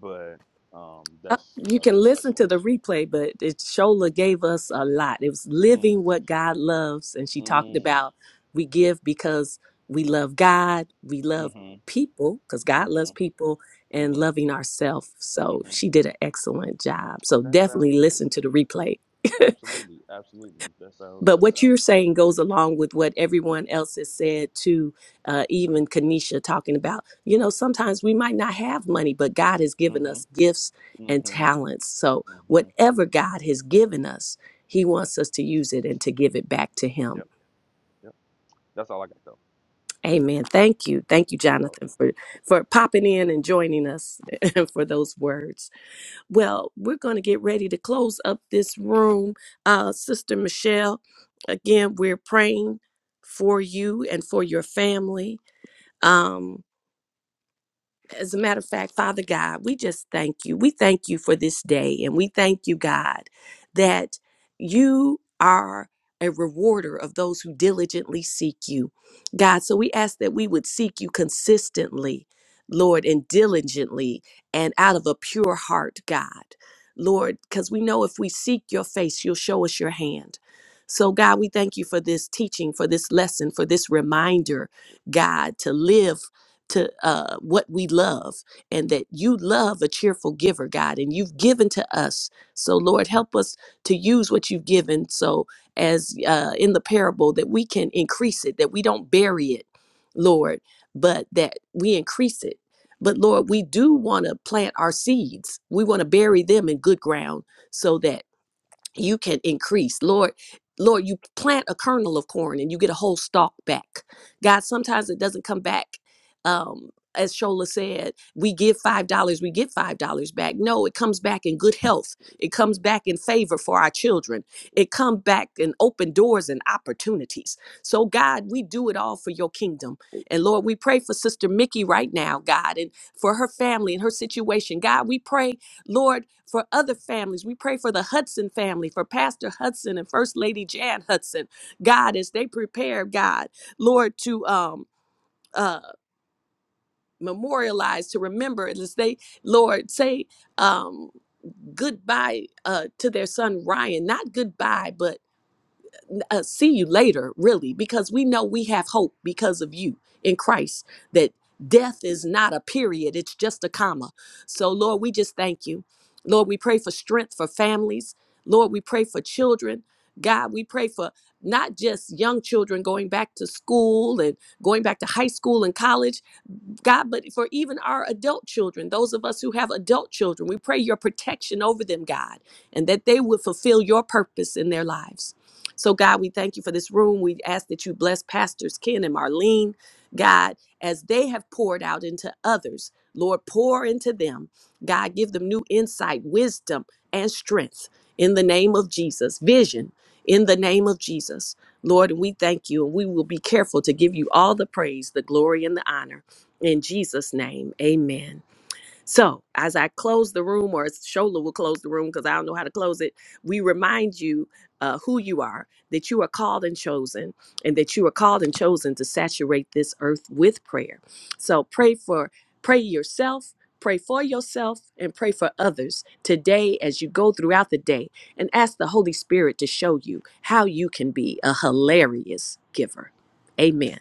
but um, Uh, that's You a can perspective listen on to the replay, but it Shola gave us a lot. It was giving. living what God loves, and Mm, she talked mm, about we give because we love God, we love mm-hmm, people because God mm-hmm. loves people, and hmm loving ourselves. So hmm she did an excellent job. So That sounds definitely great. listen to the replay. Absolutely, absolutely. That sounds but that what you're sounds saying goes good. along with what everyone else has said to uh, even Mm-hmm. kanisha talking about you know sometimes we might not have money but god has given us gifts and Mm-hmm. talents so Mm-hmm. whatever god has given us he Mm-hmm. wants us to use it and to give it back to him Yep. Yep. That's all I got though. amen thank you thank you You're welcome. jonathan for for popping in and joining us for those words Well, we're going to get ready to close up this room. Uh, Sister Michelle, again, we're praying for you and for your family. Um, as a matter of fact, Father God, we just thank you. We thank you for this day. And we thank you, God, that you are a rewarder of those who diligently seek you. God, so we ask that we would seek you consistently, Lord, and diligently and out of a pure heart, God. Lord, because we know if we seek your face, you'll show us your hand. So, God, we thank you for this teaching, for this lesson, for this reminder, God, to live to uh, what we love and that you love a cheerful giver, God, and you've given to us. So, Lord, help us to use what you've given so, as uh, in the parable, that we can increase it, that we don't bury it, Lord, but that we increase it. But Lord, we do want to plant our seeds. We want to bury them in good ground so that you can increase lord lord you plant a kernel of corn and you get a whole stalk back god sometimes it doesn't come back um as shola said we give five dollars we get five dollars back no it comes back in good health it comes back in favor for our children it comes back in open doors and opportunities so god we do it all for your kingdom and lord we pray for sister mickey right now god and for her family and her situation god we pray Lord, for other families, we pray for the Hudson family, for Pastor Hudson and First Lady Jan Hudson. God, as they prepare, God, Lord, to um uh memorialize, to remember, as they, Lord, say um goodbye uh to their son Ryan. Not goodbye, but uh, see you later, really, because we know we have hope because of you in Christ, that death is not a period, it's just a comma. So, Lord, we just thank you. Lord, we pray for strength for families. Lord, we pray for children. God, we pray for not just young children going back to school and going back to high school and college, God, but for even our adult children, those of us who have adult children, we pray your protection over them, God, and that they would fulfill your purpose in their lives. So, God, we thank you for this room. We ask that you bless Pastors Ken and Marlene, God, as they have poured out into others. Lord, pour into them. God, give them new insight, wisdom, and strength in the name of Jesus, vision in the name of Jesus. Lord, we thank you, and we will be careful to give you all the praise, the glory, and the honor. In Jesus' name, amen. So, as I close the room, or as Shola will close the room because I don't know how to close it, we remind you uh, who you are, that you are called and chosen, and that you are called and chosen to saturate this earth with prayer. So, pray for, pray yourself. Pray for yourself and pray for others today as you go throughout the day and ask the Holy Spirit to show you how you can be a hilarious giver. Amen.